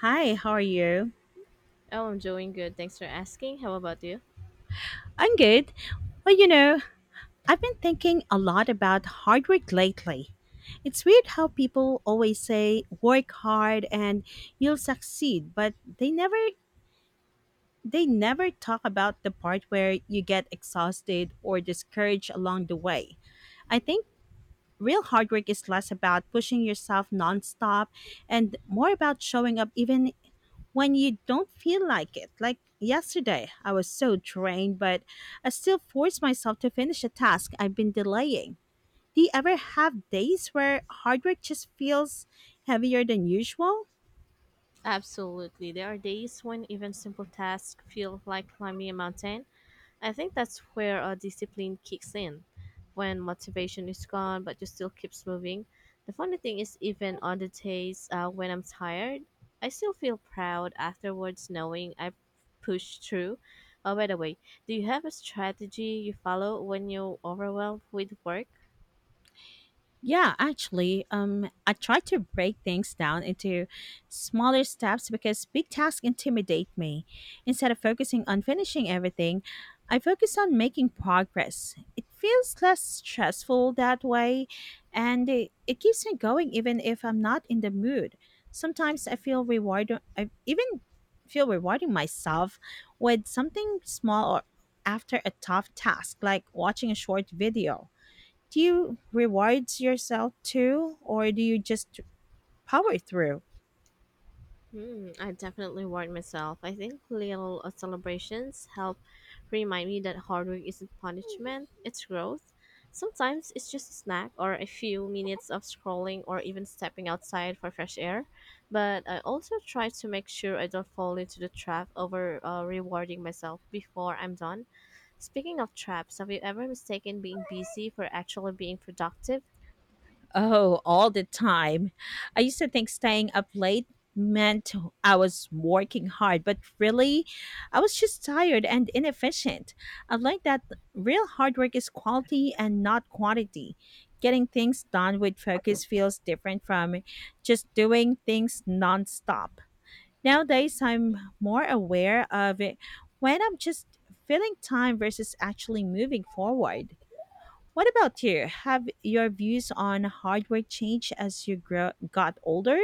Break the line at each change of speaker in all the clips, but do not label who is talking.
Hi, how are you?
Oh, I'm doing good. Thanks for asking. How about you?
I'm good. Well, you know, I've been thinking a lot about hard work lately. It's weird how people always say work hard and you'll succeed, but they never talk about the part where you get exhausted or discouraged along the way. I think real hard work is less about pushing yourself nonstop and more about showing up even when you don't feel like it. Like yesterday, I was so drained, but I still forced myself to finish a task I've been delaying. Do you ever have days where hard work just feels heavier than usual?
Absolutely. There are days when even simple tasks feel like climbing a mountain. I think that's where our discipline kicks in. When motivation is gone, but you still keeps moving. The funny thing is, even on the days when I'm tired, I still feel proud afterwards knowing I pushed through. Oh, by the way, do you have a strategy you follow when you're overwhelmed with work?
Yeah, actually, I try to break things down into smaller steps because big tasks intimidate me. Instead of focusing on finishing everything, I focus on making progress. It feels less stressful that way, and it keeps me going even if I'm not in the mood. Sometimes I feel rewarded. I even feel rewarding myself with something small or after a tough task, like watching a short video. Do you reward yourself too, or do you just power through?
I definitely worried myself. I think little celebrations help remind me that hard work isn't punishment, it's growth. Sometimes it's just a snack or a few minutes of scrolling or even stepping outside for fresh air. But I also try to make sure I don't fall into the trap over rewarding myself before I'm done. Speaking of traps, have you ever mistaken being busy for actually being productive?
Oh, all the time. I used to think staying up late meant I was working hard, but really, I was just tired and inefficient. I've learned that real hard work is quality and not quantity. Getting things done with focus feels different from just doing things nonstop. Nowadays, I'm more aware of it when I'm just filling time versus actually moving forward. What about you? Have your views on hard work changed as you grow, got older?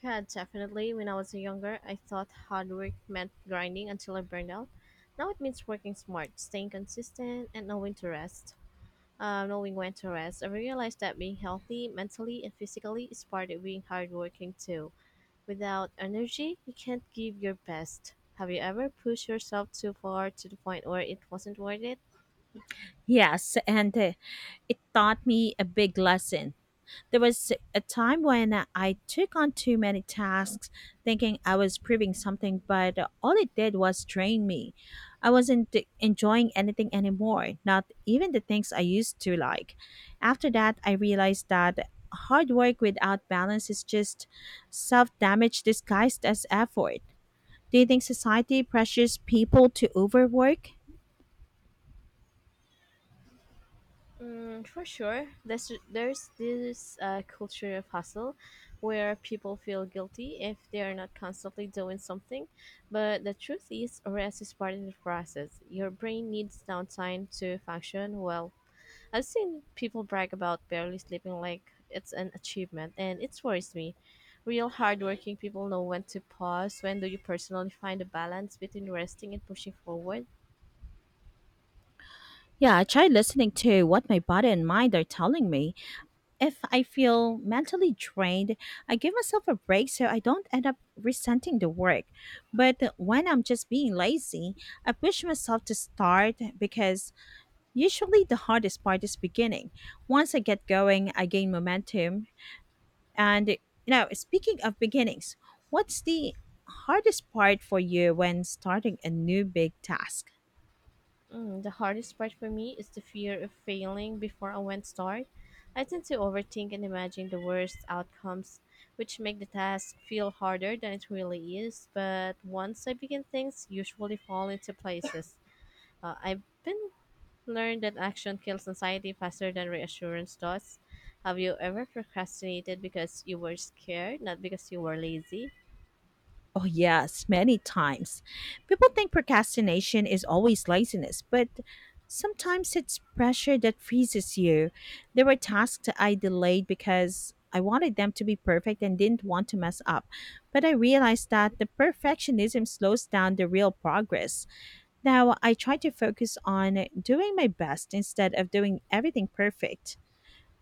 Yeah, definitely. When I was younger, I thought hard work meant grinding until I burned out. Now it means working smart, staying consistent, and knowing to rest. Knowing when to rest, I realized that being healthy mentally and physically is part of being hardworking too. Without energy, you can't give your best. Have you ever pushed yourself too far to the point where it wasn't worth it?
Yes, and it taught me a big lesson. There was a time when I took on too many tasks, thinking I was proving something, but all it did was drain me. I wasn't enjoying anything anymore, not even the things I used to like. After that, I realized that hard work without balance is just self damage disguised as effort. Do you think society pressures people to overwork?
Mm, for sure, there's this culture of hustle, where people feel guilty if they are not constantly doing something. But the truth is, rest is part of the process. Your brain needs downtime to function well. I've seen people brag about barely sleeping like it's an achievement, and it worries me. Real hardworking people know when to pause. When do you personally find a balance between resting and pushing forward?
Yeah, I tried listening to what my body and mind are telling me, if I feel mentally drained, I give myself a break so I don't end up resenting the work. But when I'm just being lazy, I push myself to start because usually the hardest part is beginning. Once I get going, I gain momentum. And you know, speaking of beginnings, what's the hardest part for you when starting a new big task?
The hardest part for me is the fear of failing before I went start. I tend to overthink and imagine the worst outcomes, which make the task feel harder than it really is. But once I begin, things usually fall into places. I've been learned that action kills anxiety faster than reassurance does. Have you ever procrastinated because you were scared, not because you were lazy?
Oh, yes, many times. People think procrastination is always laziness, but sometimes it's pressure that freezes you. There were tasks I delayed because I wanted them to be perfect and didn't want to mess up. But I realized that the perfectionism slows down the real progress. Now I try to focus on doing my best instead of doing everything perfect.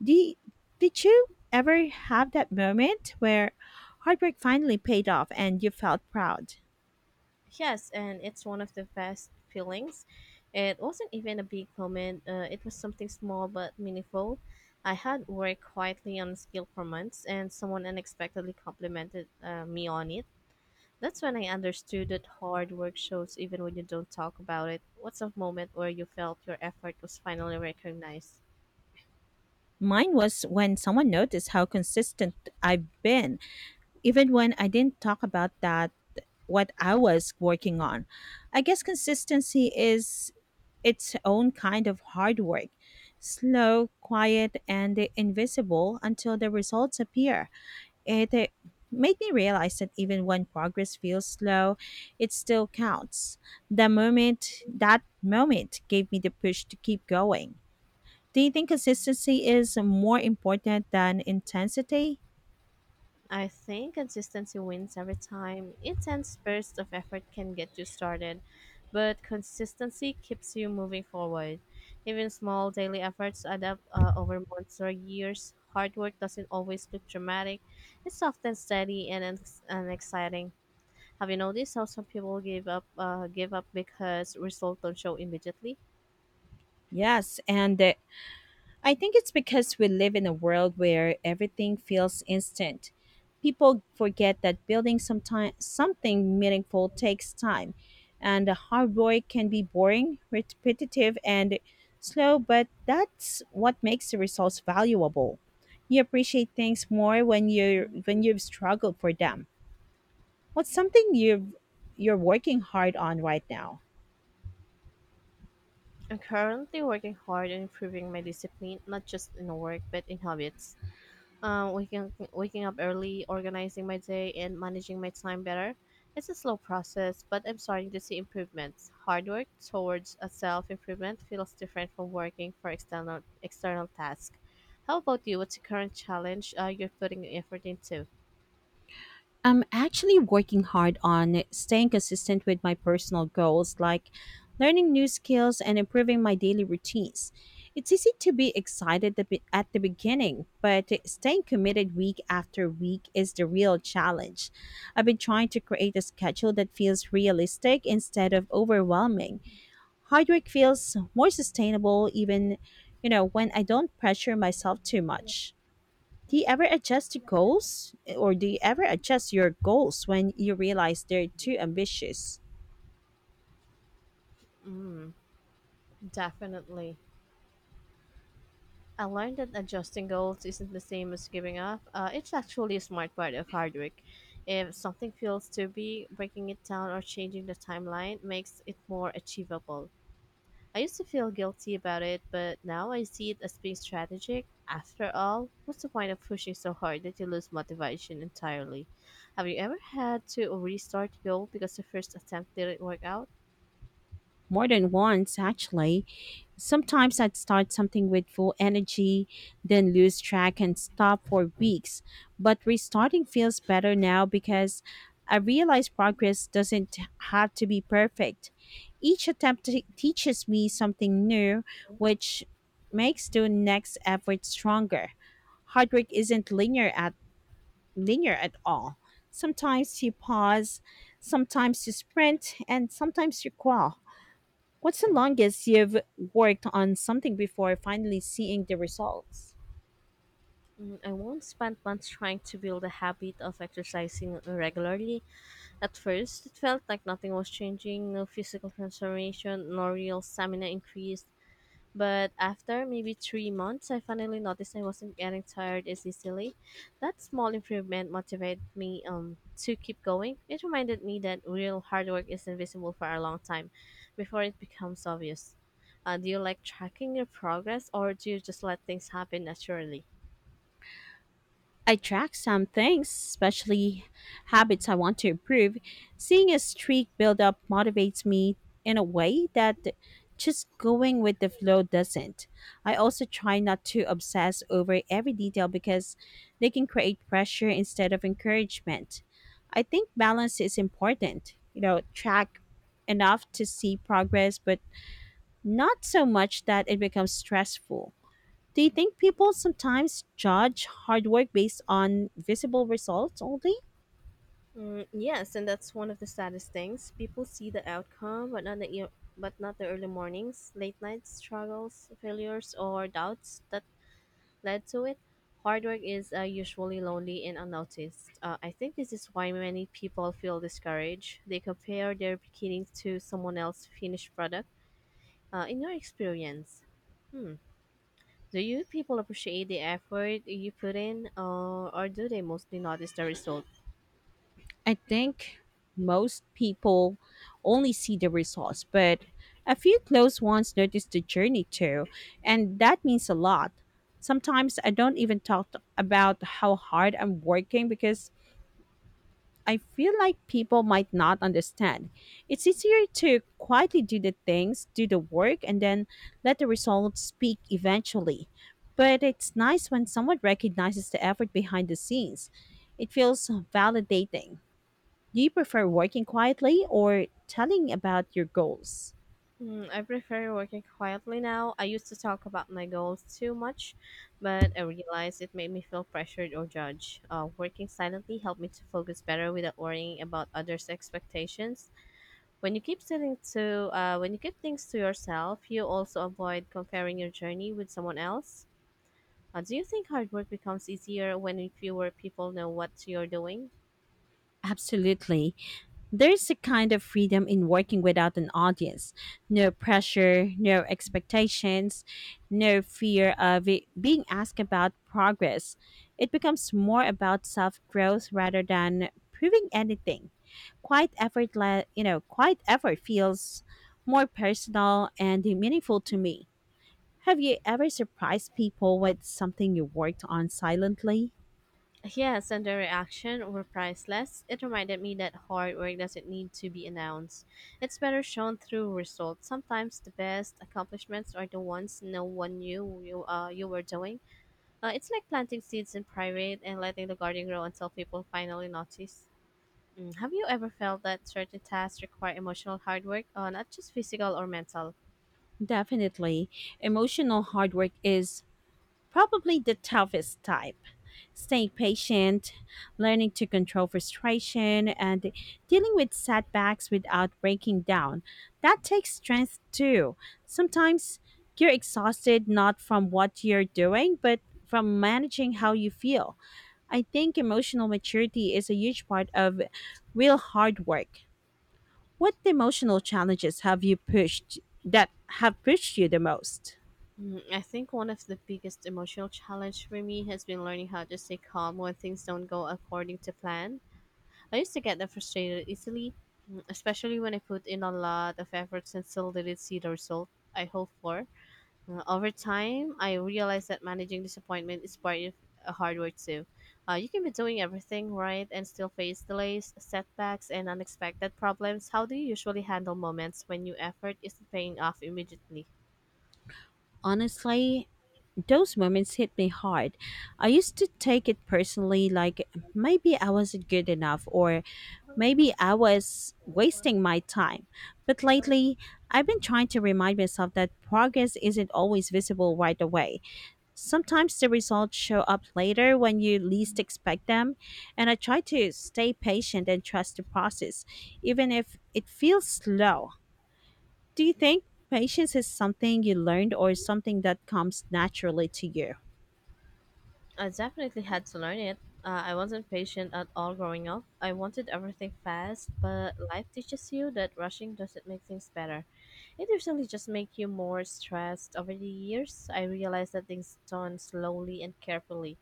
Did, did you ever have that moment where hard work finally paid off and you felt proud?
Yes, and it's one of the best feelings. It wasn't even a big moment, it was something small but meaningful. I had worked quietly on a skill for months, and someone unexpectedly complimented me on it. That's when I understood that hard work shows even when you don't talk about it. What's a moment where you felt your effort was finally recognized?
Mine was when someone noticed how consistent I've been, even when I didn't talk about that what I was working on. I guess consistency is its own kind of hard work, slow, quiet, and invisible until the results appear. It made me realize that even when progress feels slow, it still counts. The moment, that moment gave me the push to keep going. Do you think consistency is more important than intensity?
I think consistency wins every time. Intense bursts of effort can get you started, but consistency keeps you moving forward. Even small daily efforts add up over months or years. Hard work doesn't always look dramatic, it's often steady and exciting. Have you noticed how some people give up because results don't show immediately?
Yes, and I think it's because we live in a world where everything feels instant. People forget that something meaningful takes time, and the hard work can be boring, repetitive, and slow, but that's what makes the results valuable. You appreciate things more when you've struggled for them. What's something you've you're working hard on right now?
I'm currently working hard on improving my discipline, not just in work but in habits. Waking up early, organizing my day, and managing my time better. It's a slow process, but I'm starting to see improvements. Hard work towards a self improvement feels different from working for external tasks. How about you? What's the current challenge you're putting effort into?
I'm actually working hard on staying consistent with my personal goals, like learning new skills and improving my daily routines. It's easy to be excited at the beginning, but staying committed week after week is the real challenge. I've been trying to create a schedule that feels realistic instead of overwhelming. Hard work feels more sustainable even, you know, when I don't pressure myself too much. Do you ever adjust to goals or do you ever adjust your goals when you realize they're too ambitious?
Mm, definitely. I learned that adjusting goals isn't the same as giving up. It's actually a smart part of hard work. If something feels too big, breaking it down or changing the timeline makes it more achievable. I used to feel guilty about it, but now I see it as being strategic. After all, what's the point of pushing so hard that you lose motivation entirely? Have you ever had to restart a goal because the first attempt didn't work out?
More than once, actually. Sometimes I'd start something with full energy, then lose track and stop for weeks. But restarting feels better now because I realize progress doesn't have to be perfect. Each teaches me something new, which makes the next effort stronger. Hard work isn't linear at all. Sometimes you pause, sometimes you sprint, and sometimes you crawl. What's the longest you've worked on something before finally seeing the results?
I once spent months trying to build a habit of exercising regularly. At first, it felt like nothing was changing, no physical transformation, no real stamina increase. But after maybe 3 months, I finally noticed I wasn't getting tired as easily. That small improvement motivated me to keep going. It reminded me that real hard work is invisible for a long time before it becomes obvious. Do you like tracking your progress or do you just let things happen naturally?
I track some things, especially habits I want to improve. Seeing a streak build up motivates me in a way that just going with the flow doesn't. I also try not to obsess over every detail because they can create pressure instead of encouragement. I think balance is important. You know, track enough to see progress, but not so much that it becomes stressful. Do you think people sometimes judge hard work based on visible results only?
Yes, and that's one of the saddest things. People see the outcome, but not the early mornings, late nights, struggles, failures, or doubts. That led to it. Hard work is usually lonely and unnoticed. I think this is why many people feel discouraged. They compare their beginnings to someone else's finished product. In your experience, hmm, do you people appreciate the effort you put in, or do they mostly notice the result?
I think most people only see the results, but a few close ones notice the journey too, and that means a lot. Sometimes I don't even talk about how hard I'm working because I feel like people might not understand. It's easier to quietly do the work, and then let the results speak eventually. But it's nice when someone recognizes the effort behind the scenes. It feels validating. Do you prefer working quietly or telling about your goals?
I prefer working quietly now. I used to talk about my goals too much, but I realized it made me feel pressured or judged. Working silently helped me to focus better without worrying about others' expectations. When you keep things to yourself, you also avoid comparing your journey with someone else. Do you think hard work becomes easier when fewer people know what you're doing?
Absolutely. There's a kind of freedom in working without an audience. No pressure, no expectations, no fear of it being asked about progress. It becomes more about self growth rather than proving anything. Quite effort, le- you know, quite effort feels more personal and meaningful to me. Have you ever surprised people with something you worked on silently?
Yes, and their reaction were priceless. It reminded me that hard work doesn't need to be announced. It's better shown through results. Sometimes the best accomplishments are the ones no one knew you were doing. It's like planting seeds in private and letting the garden grow until people finally notice. Mm. Have you ever felt that certain tasks require emotional hard work, not just physical or mental?
Definitely. Emotional hard work is probably the toughest type. Staying patient, learning to control frustration, and dealing with setbacks without breaking down. That takes strength too. Sometimes you're exhausted not from what you're doing, but from managing how you feel. I think emotional maturity is a huge part of real hard work. What emotional challenges have you pushed that have pushed you the most?
I think one of the biggest emotional challenge for me has been learning how to stay calm when things don't go according to plan. I used to get that frustrated easily, especially when I put in a lot of efforts and still didn't see the result I hoped for. Over time, I realized that managing disappointment is part of a hard work too. You can be doing everything right and still face delays, setbacks, and unexpected problems. How do you usually handle moments when your effort isn't paying off immediately?
Honestly, those moments hit me hard. I used to take it personally, like maybe I wasn't good enough or maybe I was wasting my time. But lately, I've been trying to remind myself that progress isn't always visible right away. Sometimes the results show up later when you least expect them, and I try to stay patient and trust the process, even if it feels slow. Do you think patience is something you learned or something that comes naturally to you?
I definitely had to learn it. I wasn't patient at all growing up. I wanted everything fast, but life teaches you that rushing doesn't make things better. It usually just makes you more stressed. Over the years, I realized that things done slowly and carefully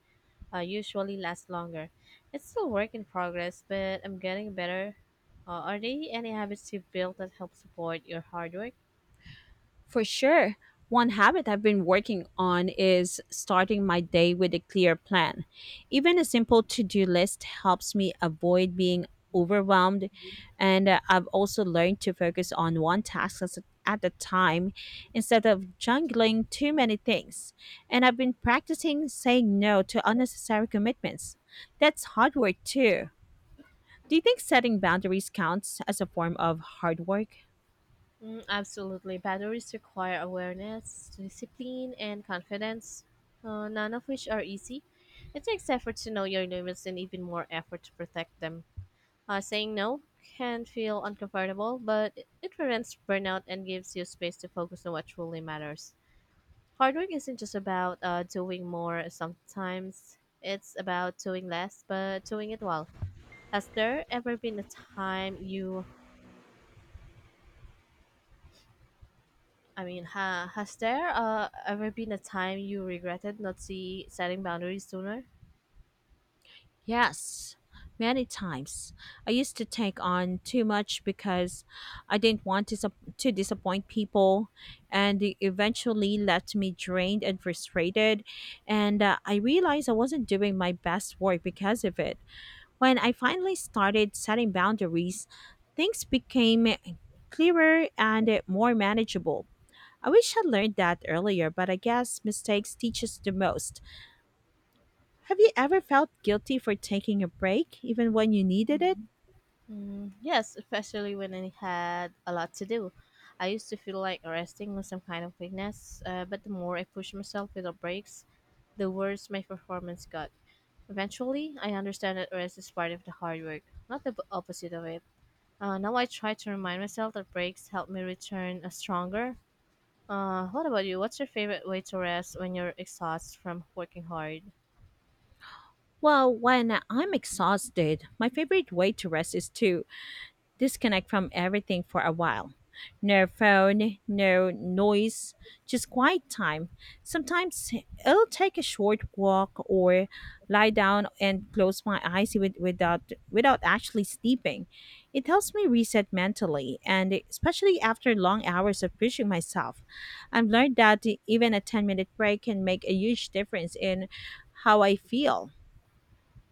usually last longer. It's still work in progress, but I'm getting better. Are there any habits you've built that help support your hard work?
For sure. One habit I've been working on is starting my day with a clear plan. Even a simple to do list helps me avoid being overwhelmed. And I've also learned to focus on one at a time instead of juggling too many things. And I've been practicing saying no to unnecessary commitments. That's hard work too. Do you think setting boundaries counts as a form of hard work?
Mm, absolutely. Boundaries require awareness, discipline, and confidence, none of which are easy. It takes effort to know your limits and even more effort to protect them. Saying no can feel uncomfortable, but it prevents burnout and gives you space to focus on what truly matters. Hard work isn't just about doing more sometimes, it's about doing less, but doing it well. Has there ever been a time you I mean, has there ever been a time you regretted not setting boundaries sooner?
Yes, many times. I used to take on too much because I didn't to disappoint people, and it eventually left me drained and frustrated. And I realized I wasn't doing my best work because of it. When I finally started setting boundaries, things became clearer and more manageable. I wish I learned that earlier, but I guess mistakes teach us the most. Have you ever felt guilty for taking a break, even when you needed it?
Yes, especially when I had a lot to do. I used to feel like resting was some kind of weakness, but the more I pushed myself without breaks, the worse my performance got. Eventually, I understand that rest is part of the hard work, not the opposite of it. Now I try to remind myself that breaks help me return stronger. What about you? What's your favorite way to rest when you're exhausted from working hard?
Well, when I'm exhausted, my favorite way to rest is to disconnect from everything for a while. No phone, no noise, just quiet time. Sometimes I'll take a short walk or lie down and close my eyes without actually sleeping. It helps me reset mentally, and especially after long hours of pushing myself. I've learned that even a 10-minute minute break can make a huge difference in how I feel.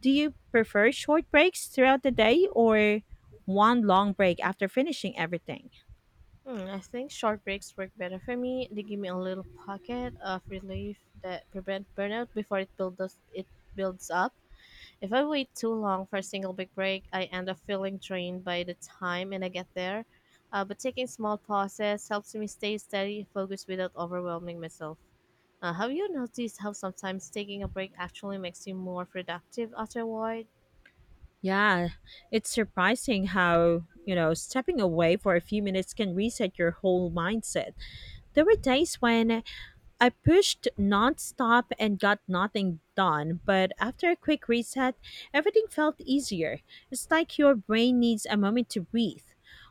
Do you prefer short breaks throughout the day or one long break after finishing everything?
I think short breaks work better for me. They give me a little pocket of relief that prevent burnout before it builds up. If I wait too long for a single big break, I end up feeling drained by the time and I get there. But taking small pauses helps me stay steady and focused without overwhelming myself. Have you noticed how sometimes taking a break actually makes you more productive afterward?
Yeah, it's surprising how, you know, stepping away for a few minutes can reset your whole mindset. There were days when I pushed nonstop and got nothing done, but after a quick reset, everything felt easier. It's like your brain needs a moment to breathe.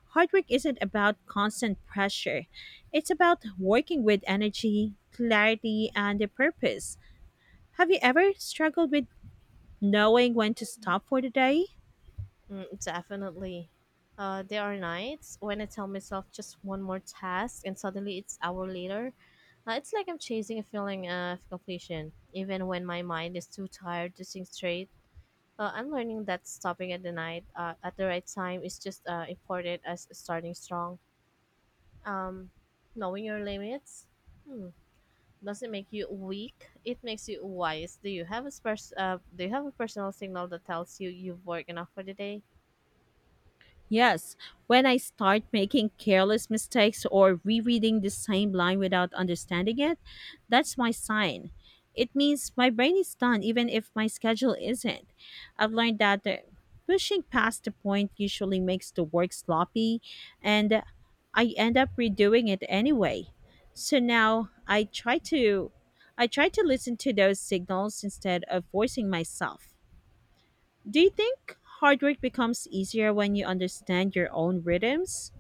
Hard work isn't about constant pressure, it's about working with energy, clarity, and a purpose. Have you ever struggled with knowing when to stop for the day?
Mm, definitely. There are nights when I tell myself just one more task and suddenly it's hour later. It's like I'm chasing a feeling of completion. Even when my mind is too tired to think straight, I'm learning that stopping at the right time is just important as starting strong. Um, knowing your limits hmm, doesn't make you weak. It makes you wise. Do you have a personal signal that tells you you've worked enough for the day?
Yes, when I start making careless mistakes or rereading the same line without understanding it, that's my sign. It means my brain is done even if my schedule isn't. I've learned that pushing past the point usually makes the work sloppy and I end up redoing it anyway. So now I try to listen to those signals instead of forcing myself. Do you think hard work becomes easier when you understand your own rhythms?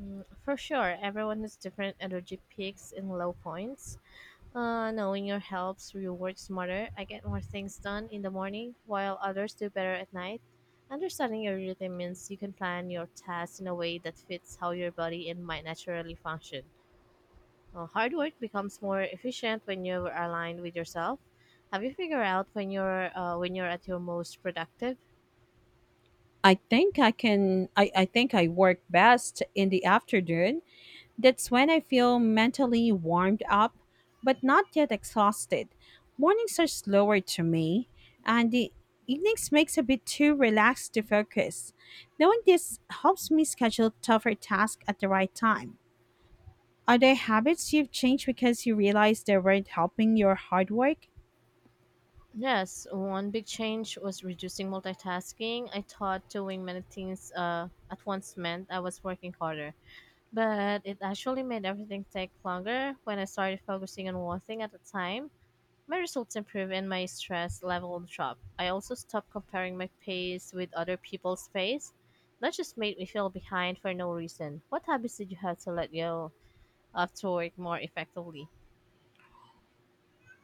For sure, everyone has different energy peaks and low points. Knowing your helps you work smarter. I get more things done in the morning, while others do better at night. Understanding your rhythm means you can plan your tasks in a way that fits how your body and mind naturally function. Hard work becomes more efficient when you're aligned with yourself. Have you figured out when you're at your most productive?
I think I work best in the afternoon. That's when I feel mentally warmed up, but not yet exhausted. Mornings are slower to me, and the evenings makes a bit too relaxed to focus. Knowing this helps me schedule tougher tasks at the right time. Are there habits you've changed because you realized they weren't helping your hard work?
Yes, one big change was reducing multitasking. I thought doing many things at once meant I was working harder, but it actually made everything take longer. When I started focusing on one thing at a time, my results improved and my stress level dropped. I also stopped comparing my pace with other people's pace. That just made me feel behind for no reason. What habits did you have to let go of to work more effectively?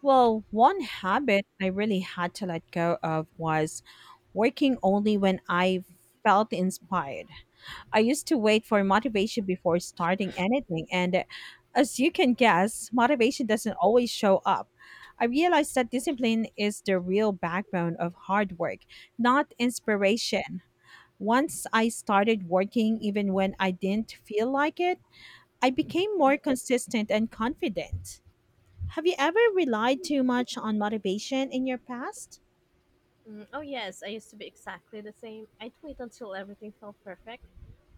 Well, one habit I really had to let go of was working only when I felt inspired. I used to wait for motivation before starting anything, and as you can guess, motivation doesn't always show up. I realized that discipline is the real backbone of hard work, not inspiration. Once I started working, even when I didn't feel like it, I became more consistent and confident. Have you ever relied too much on motivation in your past?
Oh, yes, I used to be exactly the same. I'd wait until everything felt perfect,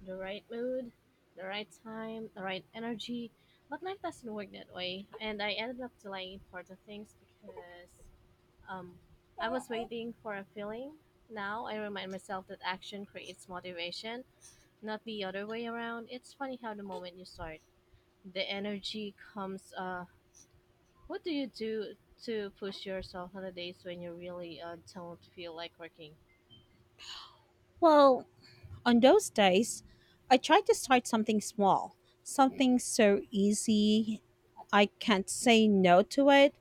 the right mood, the right time, the right energy. But life doesn't work that way, and I ended up delaying important things because um, I was waiting for a feeling. Now I remind myself that action creates motivation, not the other way around. It's funny how the moment you start, the energy comes. What do you do to push yourself on the days when you really don't feel like working?
Well, on those days, I tried to start something small, something so easy I can't say no to it.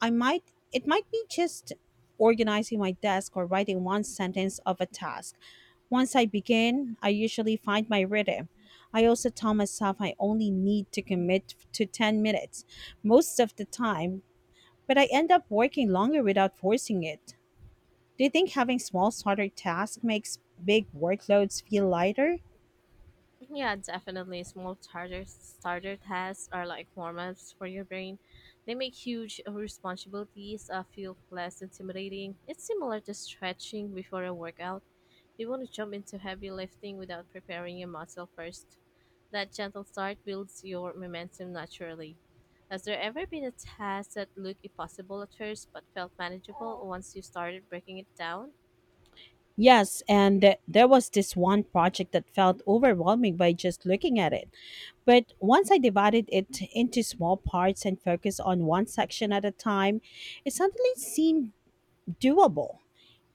I might it might be just organizing my desk or writing one sentence of a task. Once I begin, I usually find my rhythm. I also tell myself I only need to commit to 10 minutes most of the time, but I end up working longer without forcing it. Do you think having small starter tasks makes big workloads feel lighter?
Yeah, definitely. Small starter tasks are like warm-ups for your brain. They make huge responsibilities feel less intimidating. It's similar to stretching before a workout. You want to jump into heavy lifting without preparing your muscle first. That gentle start builds your momentum naturally. Has there ever been a task that looked impossible at first but felt manageable once you started breaking it down?
Yes, and there was this one project that felt overwhelming by just looking at it. But once I divided it into small parts and focused on one section at a time, it suddenly seemed doable.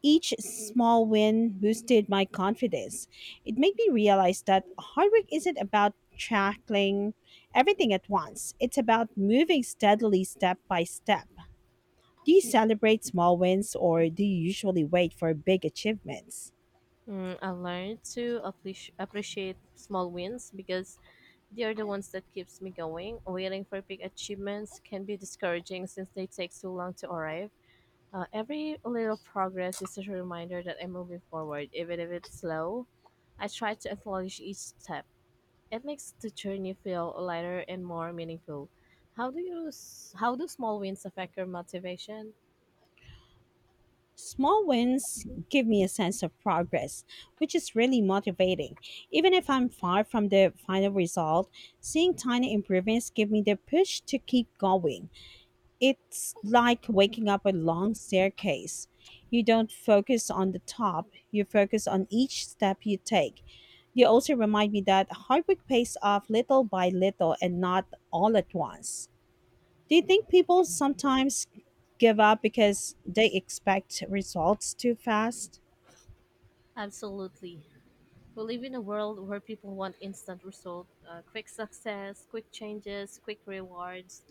Each small win boosted my confidence. It made me realize that hard work isn't about tackling everything at once, it's about moving steadily step by step. Do you celebrate small wins or do you usually wait for big achievements?
Mm, I learned to appreciate small wins because they're the ones that keeps me going. Waiting for big achievements can be discouraging since they take so long to arrive. Every little progress is a reminder that I'm moving forward, even if it's slow. I try to acknowledge each step. It makes the journey feel lighter and more meaningful. How do small wins affect your motivation?
Small wins give me a sense of progress, which is really motivating. Even if I'm far from the final result, seeing tiny improvements give me the push to keep going. It's like waking up a long staircase. You don't focus on the top, you focus on each step you take. They also remind me that hard work pays off little by little and not all at once. Do you think people sometimes give up because they expect results too fast?
Absolutely. We live in a world where people want instant results, quick success, quick changes, quick rewards.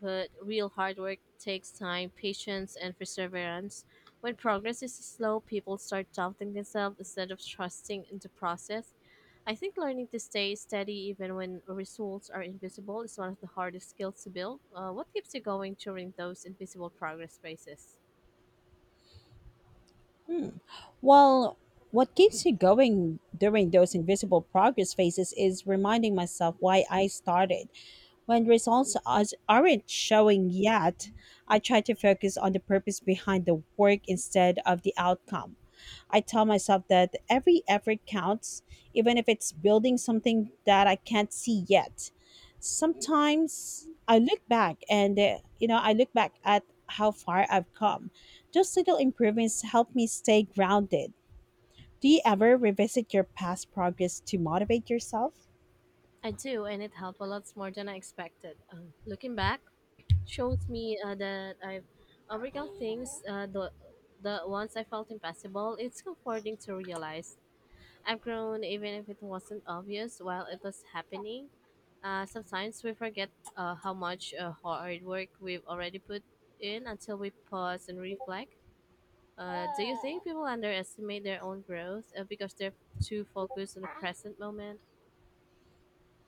But real hard work takes time, patience, and perseverance. When progress is slow, people start doubting themselves instead of trusting in the process. I think learning to stay steady even when results are invisible is one of the hardest skills to build. What keeps you going during those invisible progress phases?
Hmm. Well, what keeps me going during those invisible progress phases is reminding myself why I started. When results aren't showing yet, I try to focus on the purpose behind the work instead of the outcome. I tell myself that every effort counts, even if it's building something that I can't see yet. Sometimes I look back and, I look back at how far I've come. Those little improvements help me stay grounded. Do you ever revisit your past progress to motivate yourself?
I do, and it helped a lot more than I expected. Looking back shows me that I've overcome things, the ones I felt impossible. It's comforting to realize I've grown even if it wasn't obvious while it was happening. Sometimes we forget how much hard work we've already put in until we pause and reflect. Do you think people underestimate their own growth because they're too focused on the present moment?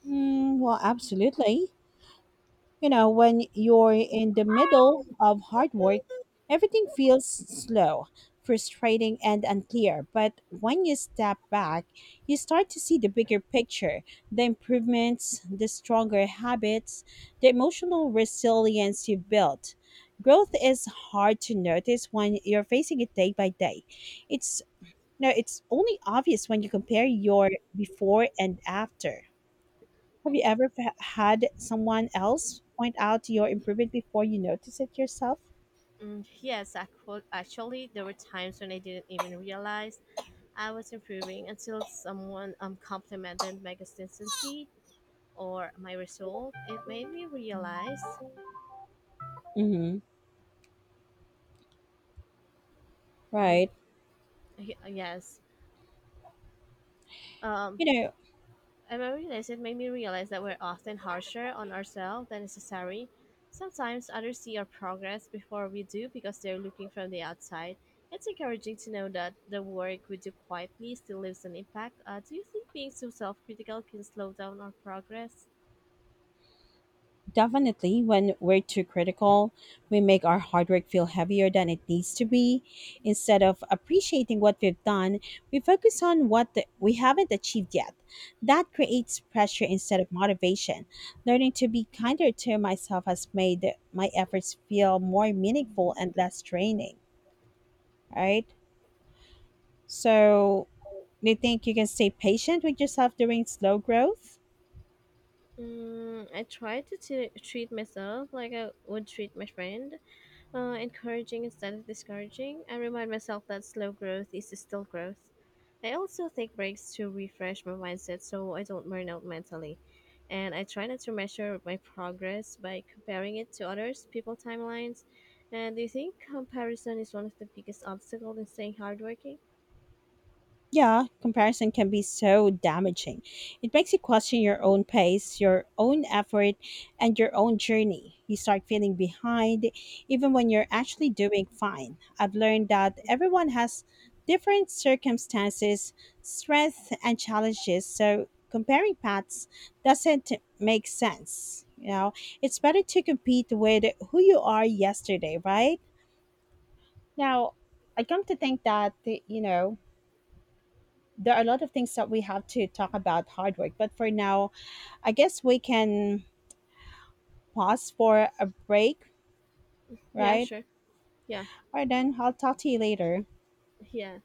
Mm, well, absolutely. You know, when you're in the middle of hard work, everything feels slow, frustrating, and unclear. But when you step back, you start to see the bigger picture, the improvements, the stronger habits, the emotional resilience you built. Growth is hard to notice when you're facing it day by day. It's no, it's only obvious when you compare your before and after. Have you ever had someone else point out your improvement before you notice it yourself?
Mm, yes, actually, there were times when I didn't even realize I was improving until someone complimented my consistency or my result. It made me realize.
Mm-hmm.
Mhm.
Right.
Y- Yes. Um,
You know,
I remember this. It made me realize that we're often harsher on ourselves than necessary. Sometimes others see our progress before we do because they're looking from the outside. It's encouraging to know that the work we do quietly still leaves an impact. Do you think being so self critical can slow down our progress?
definitely when we're too critical, we make our hard work feel heavier than it needs to be. Instead of appreciating what we've done, we focus on we haven't achieved yet. That creates pressure instead of motivation. Learning to be kinder to myself has made my efforts feel more meaningful and less draining. Right. So, do you think you can stay patient with yourself during slow growth?
Mm, I try to treat myself like I would treat my friend, encouraging instead of discouraging. I remind myself that slow growth is still growth. I also take breaks to refresh my mindset so I don't burn out mentally. And I try not to measure my progress by comparing it to others, people timelines. And do you think comparison is one of the biggest obstacles in staying hardworking?
Yeah, comparison can be so damaging. It makes you question your own pace, your own effort, and your own journey. You start feeling behind, even when you're actually doing fine. I've learned that everyone has different circumstances, strengths, and challenges, so comparing paths doesn't make sense. You know, it's better to compete with who you are yesterday, right? Now, I come to think that, there are a lot of things that we have to talk about hard work, but for now, I guess we can pause for a break,
Yeah,
right?
sure. Yeah,
All right, then I'll talk to you later.
yeah.